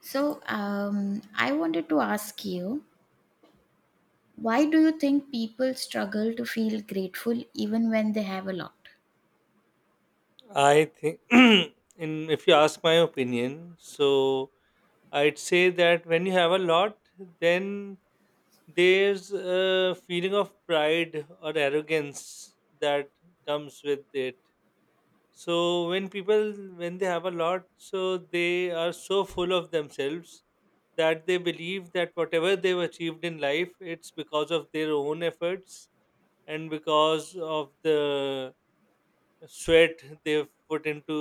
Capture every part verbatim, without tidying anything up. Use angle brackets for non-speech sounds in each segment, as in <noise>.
So, um, I wanted to ask you, why do you think people struggle to feel grateful even when they have a lot? I think, <clears throat> in if you ask my opinion, so I'd say that when you have a lot, then there's a feeling of pride or arrogance that comes with it. So when people when they have a lot, so they are so full of themselves that they believe that whatever they've achieved in life, it's because of their own efforts and because of the sweat they've put into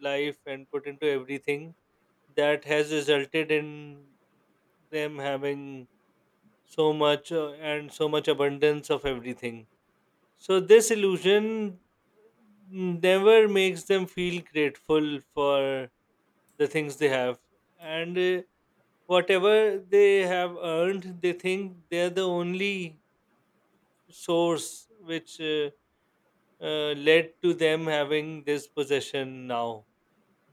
life and put into everything that has resulted in them having so much uh, and so much abundance of everything. So this illusion mm, never makes them feel grateful for the things they have. And uh, whatever they have earned, they think they're the only source which uh, uh, led to them having this possession now.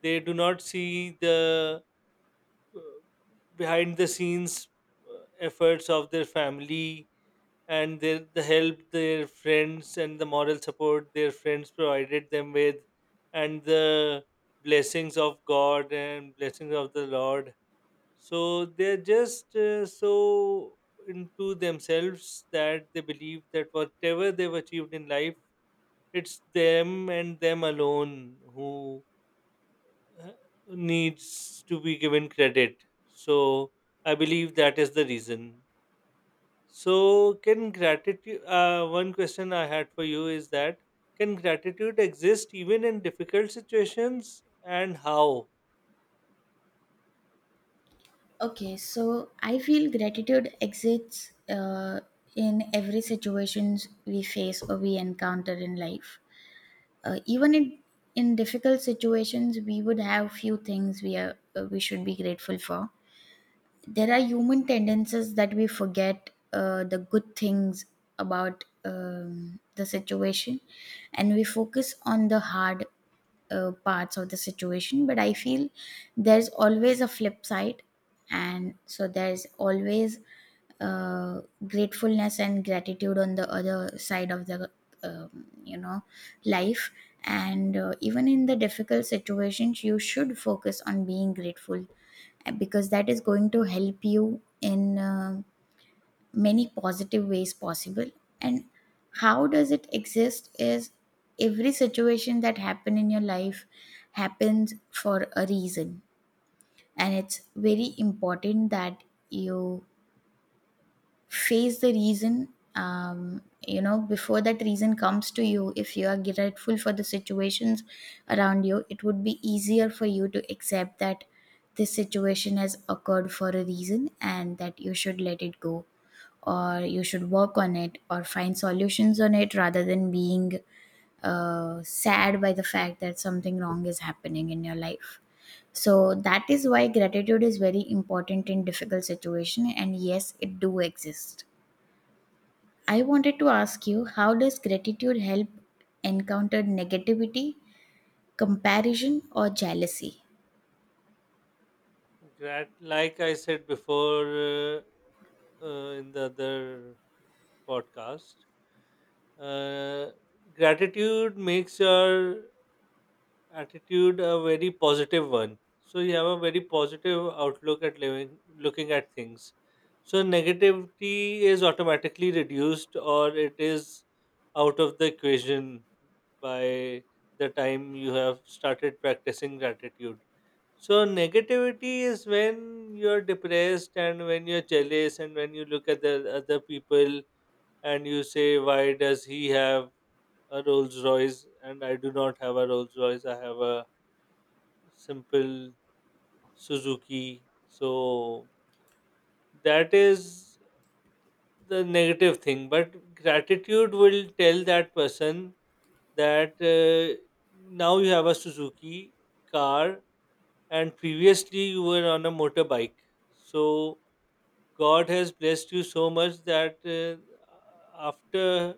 They do not see the uh, behind the scenes uh, efforts of their family, and their, the help their friends and the moral support their friends provided them with, and the blessings of God and blessings of the Lord. So they're just uh, so into themselves that they believe that whatever they've achieved in life, it's them and them alone who uh, needs to be given credit. So I believe that is the reason. So can gratitude? Uh, one question I had for you is that can gratitude exist even in difficult situations, and how? Okay, so I feel gratitude exists uh, in every situations we face or we encounter in life. Uh, even in in difficult situations, we would have few things we are uh, we should be grateful for. There are human tendencies that we forget uh, the good things about um, the situation, and we focus on the hard uh, parts of the situation. But I feel there's always a flip side, and so there's always uh, gratefulness and gratitude on the other side of the um, you know life. And uh, even in the difficult situations you should focus on being grateful uh, because that is going to help you in uh, many positive ways possible. And how does it exist is every situation that happen in your life happens for a reason, and it's very important that you face the reason um, you know before that reason comes to you. If you are grateful for the situations around you, it would be easier for you to accept that this situation has occurred for a reason and that you should let it go, or you should work on it or find solutions on it rather than being uh, sad by the fact that something wrong is happening in your life. So that is why gratitude is very important in difficult situation, and yes it do exist. I wanted to ask you, how does gratitude help encounter negativity, comparison, or jealousy? Grat- like I said before, uh, uh, in the other podcast, uh, gratitude makes your attitude a very positive one, so you have a very positive outlook at living looking at things. So negativity is automatically reduced, or it is out of the equation by the time you have started practicing gratitude. So negativity is when you're depressed and when you're jealous and when you look at the other people and you say, why does he have a Rolls Royce and I do not have a Rolls Royce? I have a simple Suzuki. So that is the negative thing. But gratitude will tell that person that, uh, now you have a Suzuki car and previously you were on a motorbike. So God has blessed you so much that, uh, after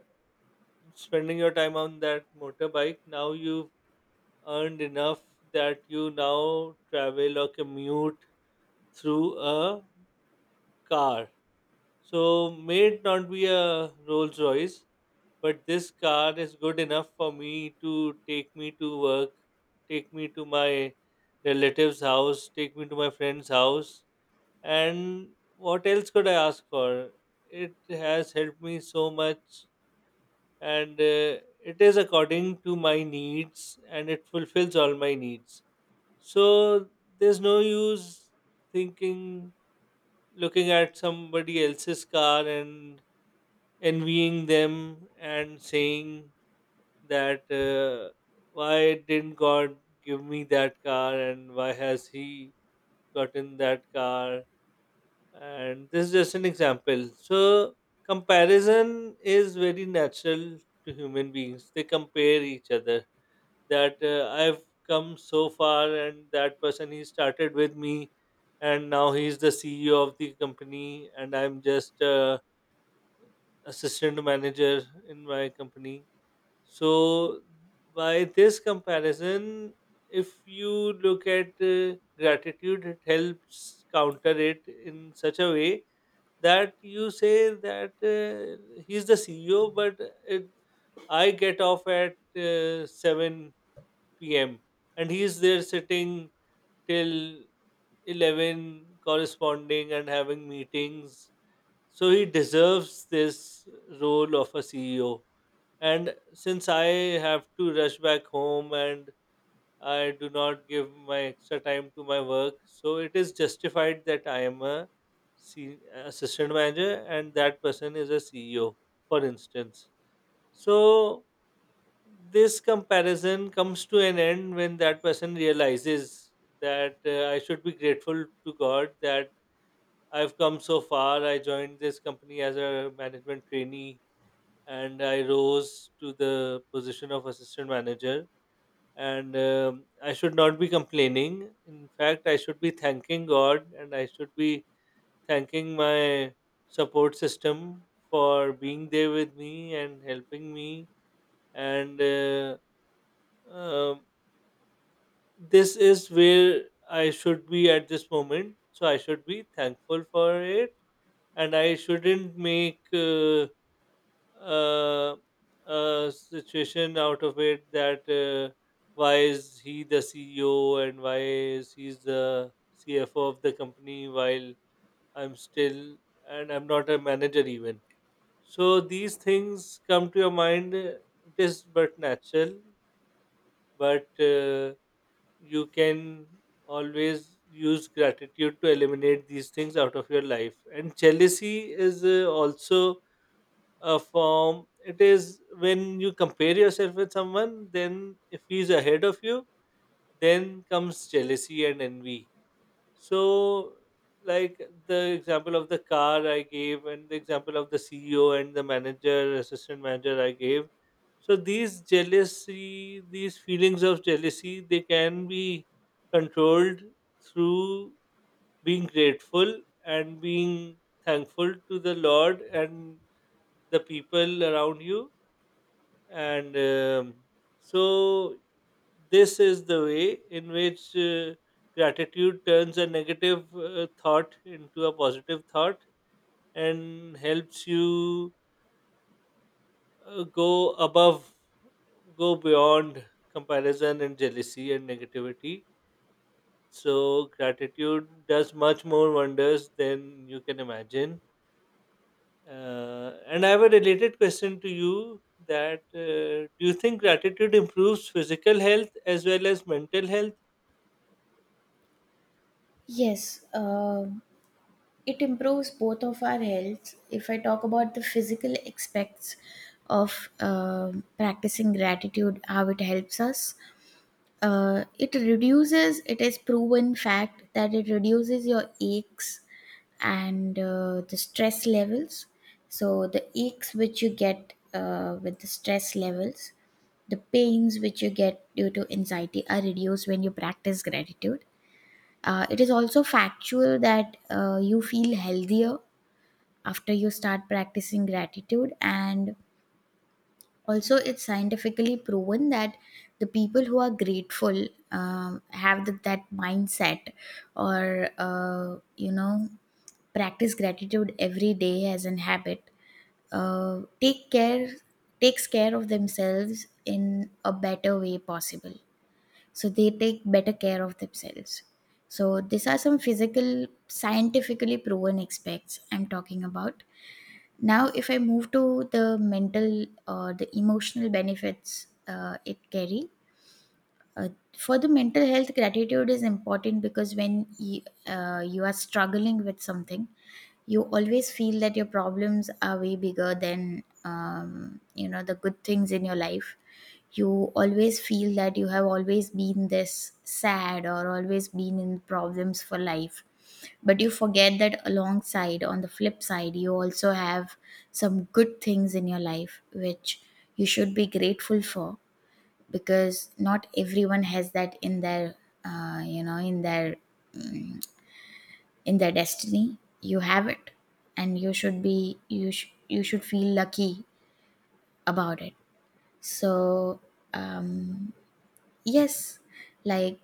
spending your time on that motorbike, now you've earned enough that you now travel or commute through a car. So may it not be a Rolls Royce, but this car is good enough for me to take me to work, take me to my relative's house, take me to my friend's house. And what else could I ask for? It has helped me so much, and uh, it is according to my needs and it fulfills all my needs. So there's no use thinking, looking at somebody else's car and envying them and saying that, uh, why didn't God give me that car and why has He gotten that car? And this is just an example. So comparison is very natural to human beings. They compare each other that, uh, I've come so far and that person, he started with me and now he's the C E O of the company and I'm just uh, assistant manager in my company. So by this comparison, if you look at uh, gratitude, it helps counter it in such a way that you say that, uh, he's the C E O, but it, I get off at uh, seven p m and he's there sitting till eleven corresponding and having meetings. So he deserves this role of a C E O, and since I have to rush back home and I do not give my extra time to my work, so it is justified that I am a se- assistant manager and that person is a C E O, for instance. So this comparison comes to an end when that person realizes that, uh, I should be grateful to God that I've come so far. I joined this company as a management trainee and I rose to the position of assistant manager. And um, I should not be complaining. In fact, I should be thanking God and I should be thanking my support system for being there with me and helping me. And uh, um this is where I should be at this moment. So I should be thankful for it, and I shouldn't make. Uh, uh, uh, Situation out of it, that uh, why is he the C E O and why is he the C F O of the company while I'm still and I'm not a manager even. So these things come to your mind. uh, It is but natural, but uh, you can always use gratitude to eliminate these things out of your life. And jealousy is uh, also a form. It is when you compare yourself with someone, then if he's ahead of you, then comes jealousy and envy. So, like the example of the car I gave, and the example of the C E O and the manager, assistant manager I gave. So these jealousy, these feelings of jealousy, they can be controlled through being grateful and being thankful to the Lord and the people around you, and um, so this is the way in which uh, gratitude turns a negative uh, thought into a positive thought and helps you uh, go above go beyond comparison and jealousy and negativity. So gratitude does much more wonders than you can imagine. Uh, and I have a related question to you, that uh, do you think gratitude improves physical health as well as mental health? Yes, uh, it improves both of our health. If I talk about the physical aspects of uh, practicing gratitude, how it helps us, uh, it reduces it is proven fact that it reduces your aches and uh, the stress levels. So the aches which you get uh, with the stress levels, the pains which you get due to anxiety are reduced when you practice gratitude. Uh, it is also factual that uh, you feel healthier after you start practicing gratitude, and also it's scientifically proven that the people who are grateful um, have the, that mindset or uh, you know practice gratitude every day as an habit. uh, take care Takes care of themselves in a better way possible, so they take better care of themselves. So these are some physical scientifically proven aspects I'm talking about. Now if I move to the mental or the emotional benefits, uh, it carry uh, for the mental health, gratitude is important because when you, uh, you are struggling with something, you always feel that your problems are way bigger than um, you know the good things in your life. You always feel that you have always been this sad or always been in problems for life, but you forget that alongside on the flip side you also have some good things in your life which you should be grateful for, because not everyone has that in their uh, you know in their mm, in their destiny. You have it, and you should be you sh- you should feel lucky about it. So um yes, like,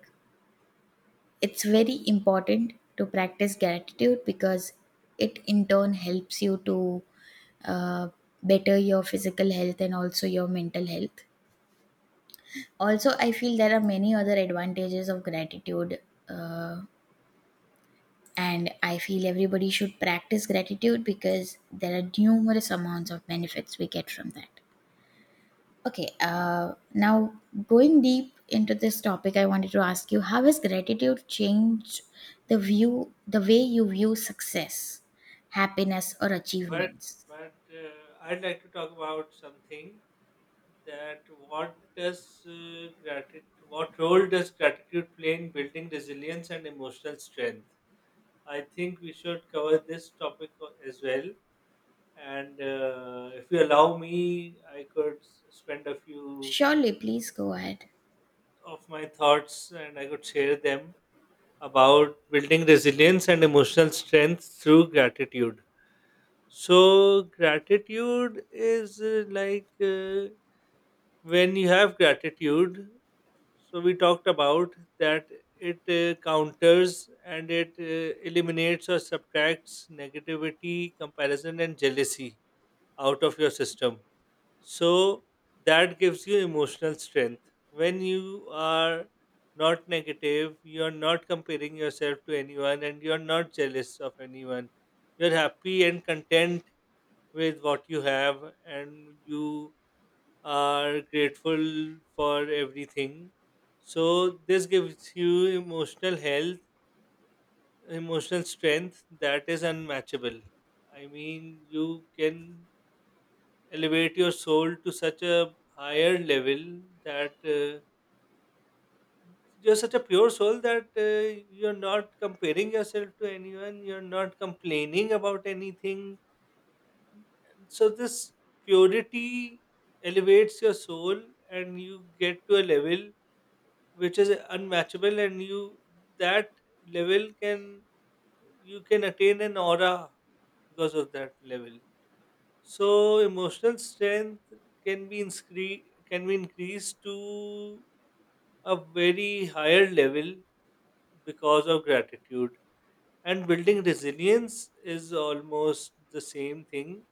it's very important to practice gratitude, because it in turn helps you to uh, better your physical health and also your mental health. Also, I feel there are many other advantages of gratitude, uh, and I feel everybody should practice gratitude because there are numerous amounts of benefits we get from that. Okay, uh, now going deep into this topic, I wanted to ask you, how has gratitude changed the view the way you view success, happiness, or But achievements? but uh, I'd like to talk about something, that what does uh, gratitude what role does gratitude play in building resilience and emotional strength? I think we should cover this topic o- as well. And uh, if you allow me, I could s- spend a few Surely, please go ahead. of my thoughts and I could share them about building resilience and emotional strength through gratitude. So gratitude is uh, like uh, when you have gratitude, so we talked about that it uh, counters and it uh, eliminates or subtracts negativity, comparison, and jealousy out of your system, so that gives you emotional strength. When you are not negative, you are not comparing yourself to anyone and you are not jealous of anyone. You're happy and content with what you have and you are grateful for everything. So this gives you emotional health, emotional strength that is unmatchable. I mean, you can elevate your soul to such a higher level that, uh, you're such a pure soul that, uh, you're not comparing yourself to anyone, you're not complaining about anything. So this purity elevates your soul and you get to a level which is unmatchable, and you that level can, you can attain an aura because of that level. So emotional strength can be inscre- can be increased to a very higher level because of gratitude, and building resilience is almost the same thing.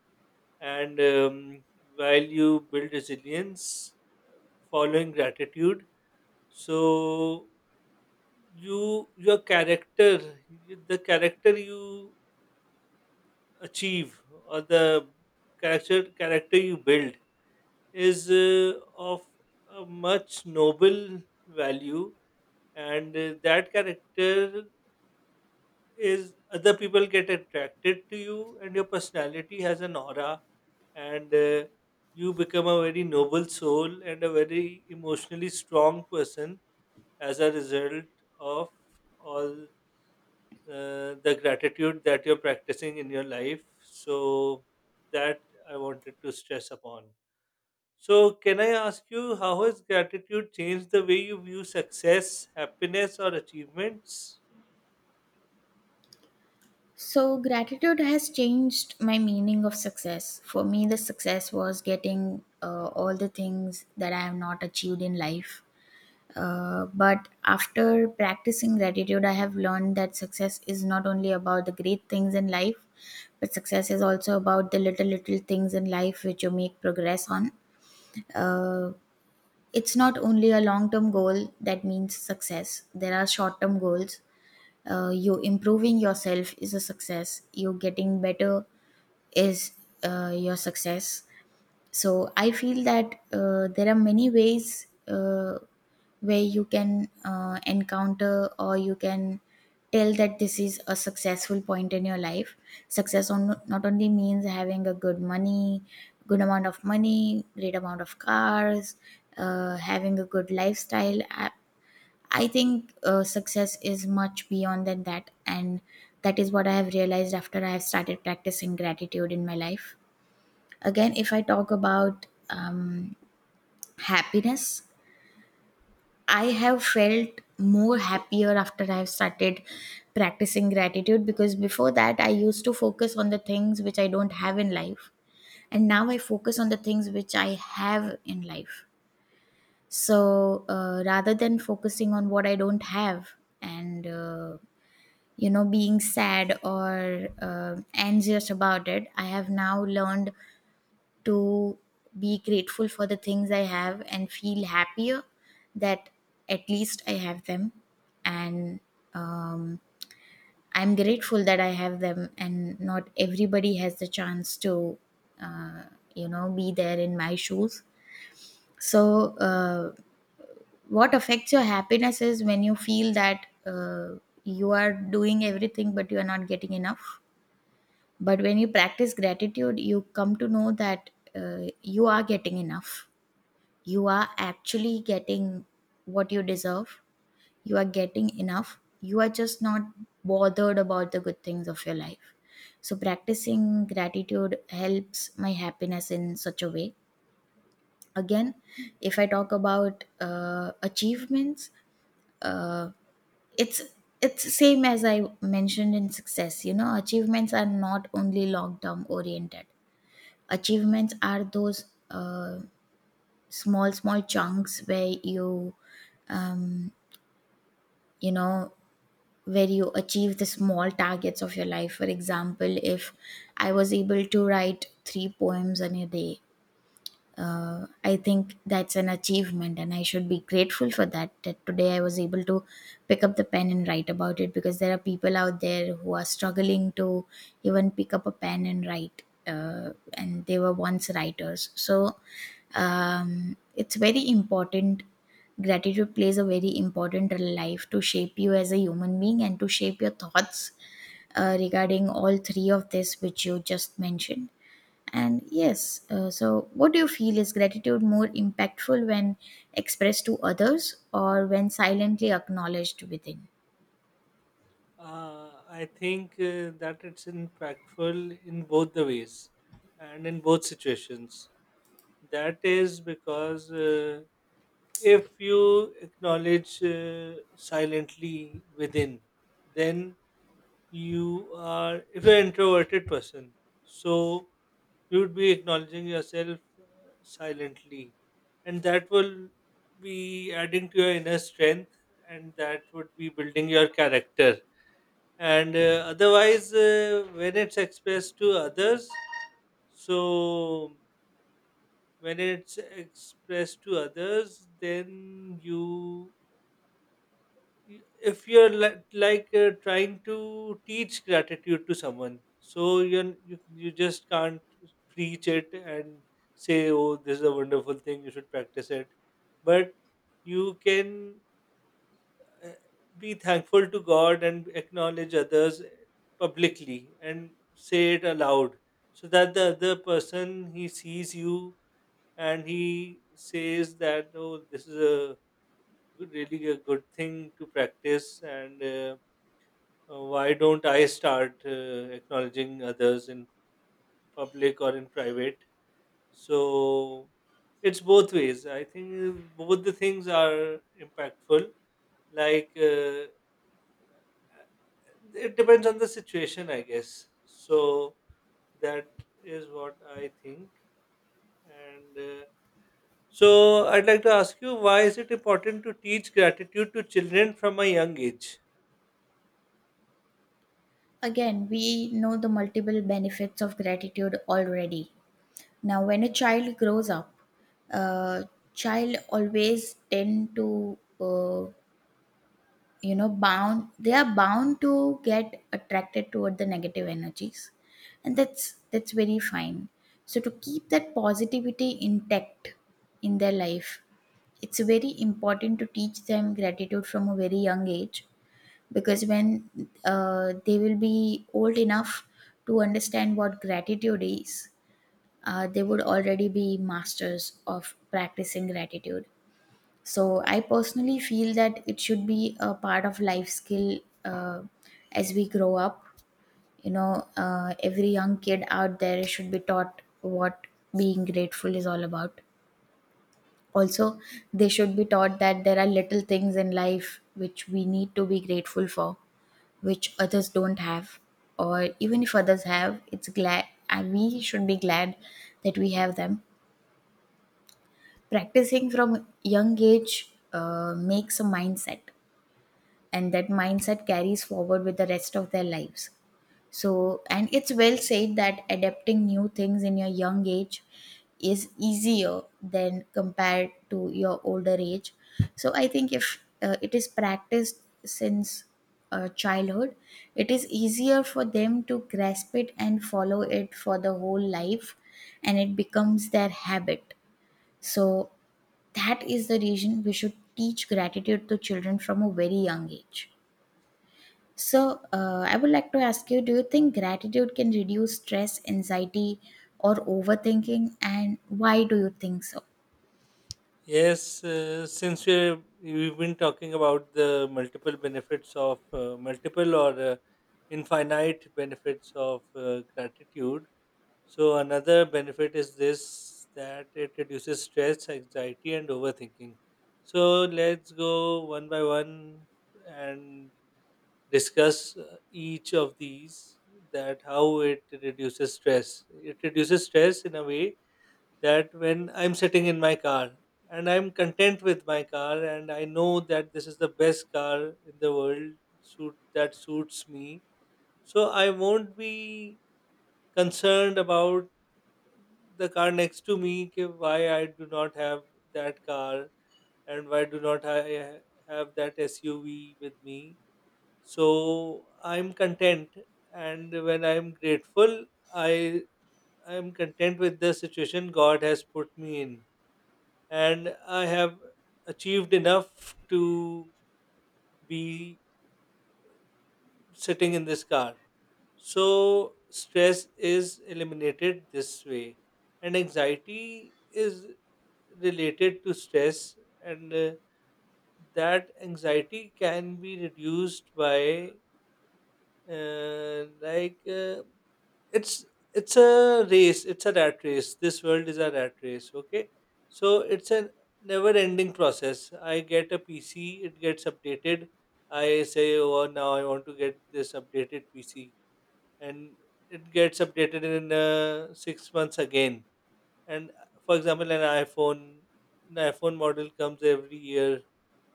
And um, while you build resilience following gratitude, so you your character, the character you achieve or the character character you build is, uh, of a much noble value. And uh, that character is, other people get attracted to you and your personality has an aura. And uh, you become a very noble soul and a very emotionally strong person as a result of all uh, the gratitude that you're practicing in your life. So that I wanted to stress upon. So can I ask you, how has gratitude changed the way you view success, happiness, or achievements? So gratitude has changed my meaning of success. For me the success was getting uh, all the things that I have not achieved in life. Uh, but after practicing gratitude, I have learned that success is not only about the great things in life, but success is also about the little, little things in life which you make progress on. Uh, it's not only a long term goal that means success, there are short term goals. Uh, you improving yourself is a success, you getting better is uh, your success. So I feel that uh, there are many ways uh, where you can uh, encounter or you can tell that this is a successful point in your life. Success on, not only means having a good money, good amount of money, great amount of cars, uh, having a good lifestyle. I, I think uh, success is much beyond than that, and that is what I have realized after I have started practicing gratitude in my life. Again, if I talk about um, happiness, I have felt more happier after I've started practicing gratitude, because before that, I used to focus on the things which I don't have in life. And now I focus on the things which I have in life. So uh, rather than focusing on what I don't have and uh, you know being sad or uh, anxious about it, I have now learned to be grateful for the things I have and feel happier that at least I have them. And um, I'm grateful that I have them, and not everybody has the chance to, uh, you know, be there in my shoes. So, uh, what affects your happiness is when you feel that uh, you are doing everything, but you are not getting enough. But when you practice gratitude, you come to know that uh, you are getting enough, you are actually getting what you deserve. You are getting enough. You are just not bothered about the good things of your life. So, practicing gratitude helps my happiness in such a way. Again, if I talk about uh, achievements, uh, it's it's same as I mentioned in success. You know, achievements are not only long term oriented. Achievements are those uh, small small chunks where you um, you know where you achieve the small targets of your life. For example, if I was able to write three poems in a day, uh, I think that's an achievement, and I should be grateful for that. That today I was able to pick up the pen and write about it, because there are people out there who are struggling to even pick up a pen and write, uh, and they were once writers. So um, it's very important. Gratitude plays a very important role in life to shape you as a human being and to shape your thoughts uh, regarding all three of this, which you just mentioned. And yes, uh, so what do you feel, is gratitude more impactful when expressed to others or when silently acknowledged within? Uh, I think uh, that it's impactful in both the ways and in both situations. That is because, uh, if you acknowledge uh, silently within, then you are, if you're an introverted person, so you would be acknowledging yourself uh, silently, and that will be adding to your inner strength, and that would be building your character. And uh, otherwise, uh, when it's expressed to others, so when it's expressed to others, then you y- if you're like like uh, trying to teach gratitude to someone, so you you you just can't preach it and say, oh, this is a wonderful thing, you should practice it. But you can uh, be thankful to God and acknowledge others publicly and say it aloud, so that the other person, he sees you and he says that, oh, this is a good- really a good thing to practice. And uh, uh, why don't I start uh, acknowledging others in public or in private? So it's both ways. I think both the things are impactful. Like, uh, it depends on the situation, I guess. So that is what I think. And uh, so I'd like to ask you, why is it important to teach gratitude to children from a young age? Again, we know the multiple benefits of gratitude already. Now, when a child grows up, uh, child always tend to uh, you know bound they are bound to get attracted toward the negative energies, and that's that's very fine. So to keep that positivity intact in their life, it's very important to teach them gratitude from a very young age, because when uh, they will be old enough to understand what gratitude is, uh, they would already be masters of practicing gratitude. So I personally feel that it should be a part of life skill. Uh, as we grow up, you know uh, every young kid out there should be taught what being grateful is all about. Also, they should be taught that there are little things in life which we need to be grateful for, which others don't have, or even if others have it's glad and we should be glad that we have them. Practicing from young age uh, makes a mindset, and that mindset carries forward with the rest of their lives. So, and it's well said that adapting new things in your young age is easier than compared to your older age. So I think if uh, it is practiced since uh, childhood, it is easier for them to grasp it and follow it for the whole life, and it becomes their habit. So that is the reason we should teach gratitude to children from a very young age. So, uh, I would like to ask you, do you think gratitude can reduce stress, anxiety, or overthinking? And why do you think so? Yes, uh, since we're, we've been talking about the multiple benefits of uh, multiple or uh, infinite benefits of uh, gratitude, so another benefit is this, that it reduces stress, anxiety, and overthinking. So let's go one by one and discuss uh, each of these, that how it reduces stress. It reduces stress in a way that when I'm sitting in my car and I'm content with my car and I know that this is the best car in the world suit that suits me. So I won't be concerned about the car next to me कि why I do not have that car and why do not I have that S U V with me. So I'm content, and when I'm grateful I I'm content with the situation God has put me in, and I have achieved enough to be sitting in this car. So, stress is eliminated this way, and anxiety is related to stress, and uh, that anxiety can be reduced by uh, like. Uh, it's it's a race, it's a rat race, this world is a rat race, okay. So it's a never ending process. I get a PC, it gets updated. I say, oh, now I want to get this updated PC, and it gets updated in uh, six months again. And uh, for example, an iphone, an iphone model comes every year.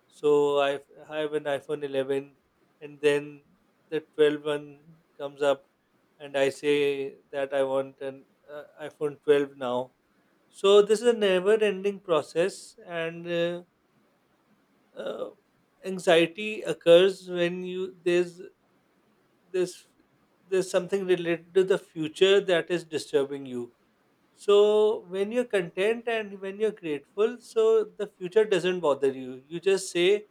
So I f- have an iPhone eleven, and then the twelve one comes up, and I say that I want an uh, iPhone twelve now. So this is a never-ending process, and uh, uh, anxiety occurs when you there's there's there's something related to the future that is disturbing you. So when you're content and when you're grateful, so the future doesn't bother you. You just say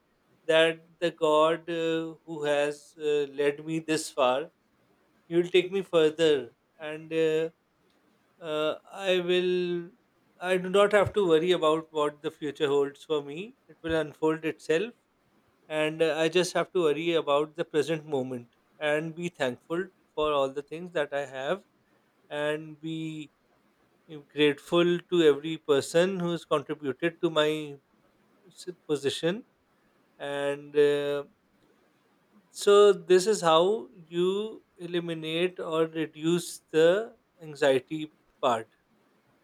that the God uh, who has uh, led me this far, He will take me further, and uh, uh, I will. I do not have to worry about what the future holds for me. It will unfold itself, and uh, I just have to worry about the present moment and be thankful for all the things that I have and be, I'm grateful to every person who has contributed to my s- position. And uh, so, this is how you eliminate or reduce the anxiety part.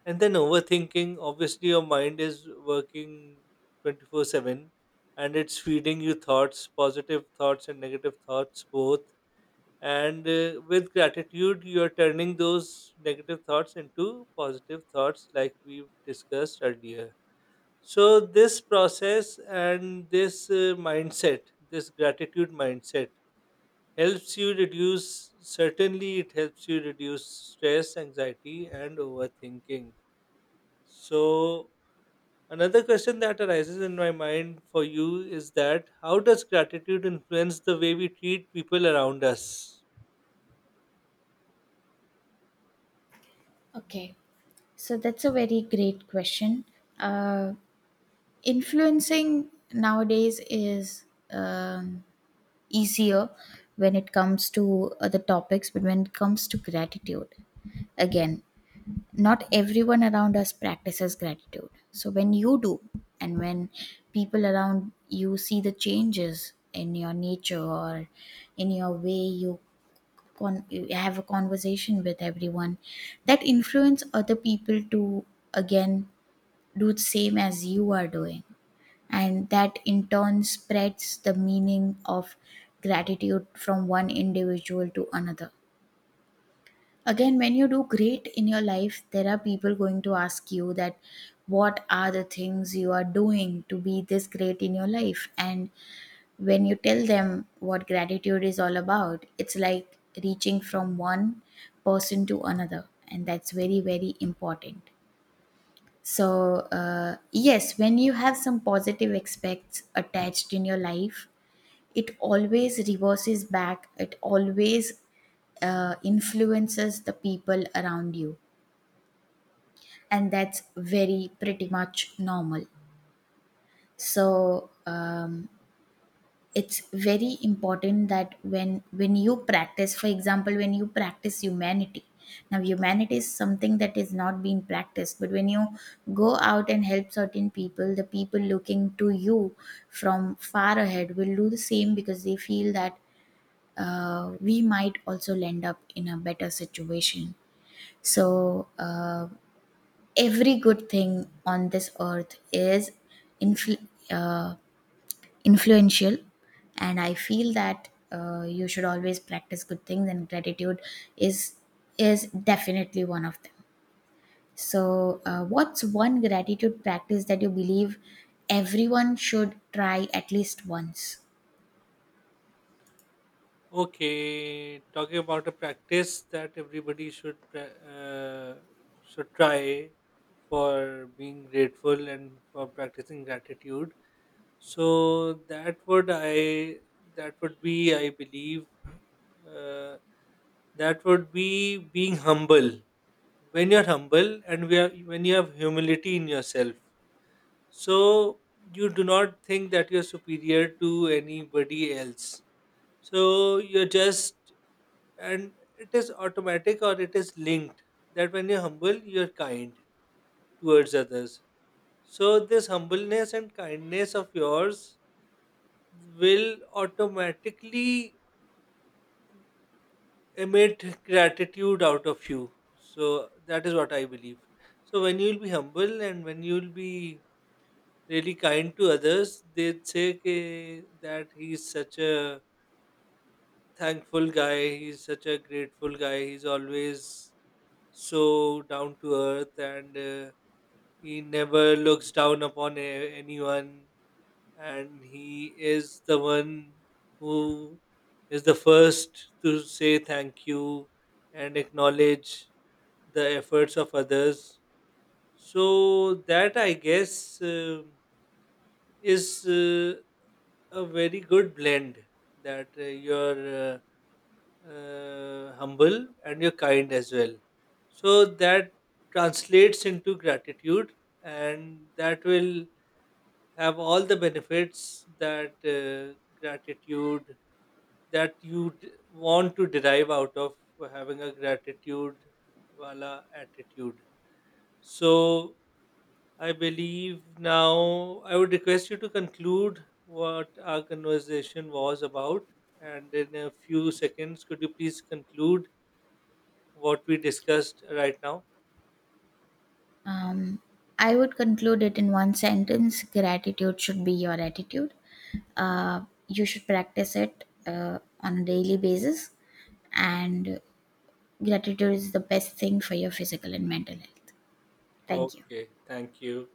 And then, overthinking, obviously your mind is working twenty-four seven, and it's feeding you thoughts, positive thoughts and negative thoughts both. And uh, with gratitude, you are turning those negative thoughts into positive thoughts, like we've discussed earlier. So this process and this uh, mindset, this gratitude mindset, helps you reduce. Certainly, it helps you reduce stress, anxiety, and overthinking. So another question that arises in my mind for you is that how does gratitude influence the way we treat people around us? Okay. So, that's a very great question. Uh, influencing nowadays is um, easier when it comes to other topics, but when it comes to gratitude, again not everyone around us practices gratitude. So when you do, and when people around you see the changes in your nature or in your way you, con- you have a conversation with everyone, that influence other people to again do the same as you are doing, and that in turn spreads the meaning of gratitude from one individual to another. Again, when you do great in your life, there are people going to ask you that what are the things you are doing to be this great in your life? And when you tell them what gratitude is all about, it's like reaching from one person to another. And that's very, very important. So, uh, yes, when you have some positive aspects attached in your life, it always reverses back, it always uh, influences the people around you. And that's very pretty much normal. So um, it's very important that when when you practice, for example when you practice humanity. Now humanity is something that is not being practiced, but when you go out and help certain people, the people looking to you from far ahead will do the same because they feel that uh, we might also land up in a better situation. So uh, every good thing on this earth is influ- uh, influential, and I feel that uh, you should always practice good things, and gratitude is is definitely one of them. So uh, what's one gratitude practice that you believe everyone should try at least once? Okay, talking about a practice that everybody should pra- uh, should try for being grateful and for practicing gratitude. So that would I that would be, I believe, uh, that would be being humble. When you're humble and we are, when you have humility in yourself, so you do not think that you're superior to anybody else. So you're just, and it is automatic or it is linked, that when you're humble you're kind towards others. So this humbleness and kindness of yours will automatically emit gratitude out of you. So that is what I believe. So when you'll be humble and when you'll be really kind to others, they'd say, "Ki- that he's such a thankful guy, he's such a grateful guy, he's always so down to earth, and uh, he never looks down upon a- anyone, and he is the one who is the first to say thank you and acknowledge the efforts of others." So, that I guess uh, is uh, a very good blend, that uh, you're uh, uh, humble and you're kind as well. So, that translates into gratitude, and that will have all the benefits that uh, gratitude that you d- want to derive out of having a gratitude wala attitude. So I believe, now I would request you to conclude what our conversation was about, and in a few seconds, could you please conclude what we discussed right now. Um, I would conclude it in one sentence: gratitude should be your attitude. Uh, you should practice it uh, on a daily basis, and gratitude is the best thing for your physical and mental health. Thank you. Okay, thank you.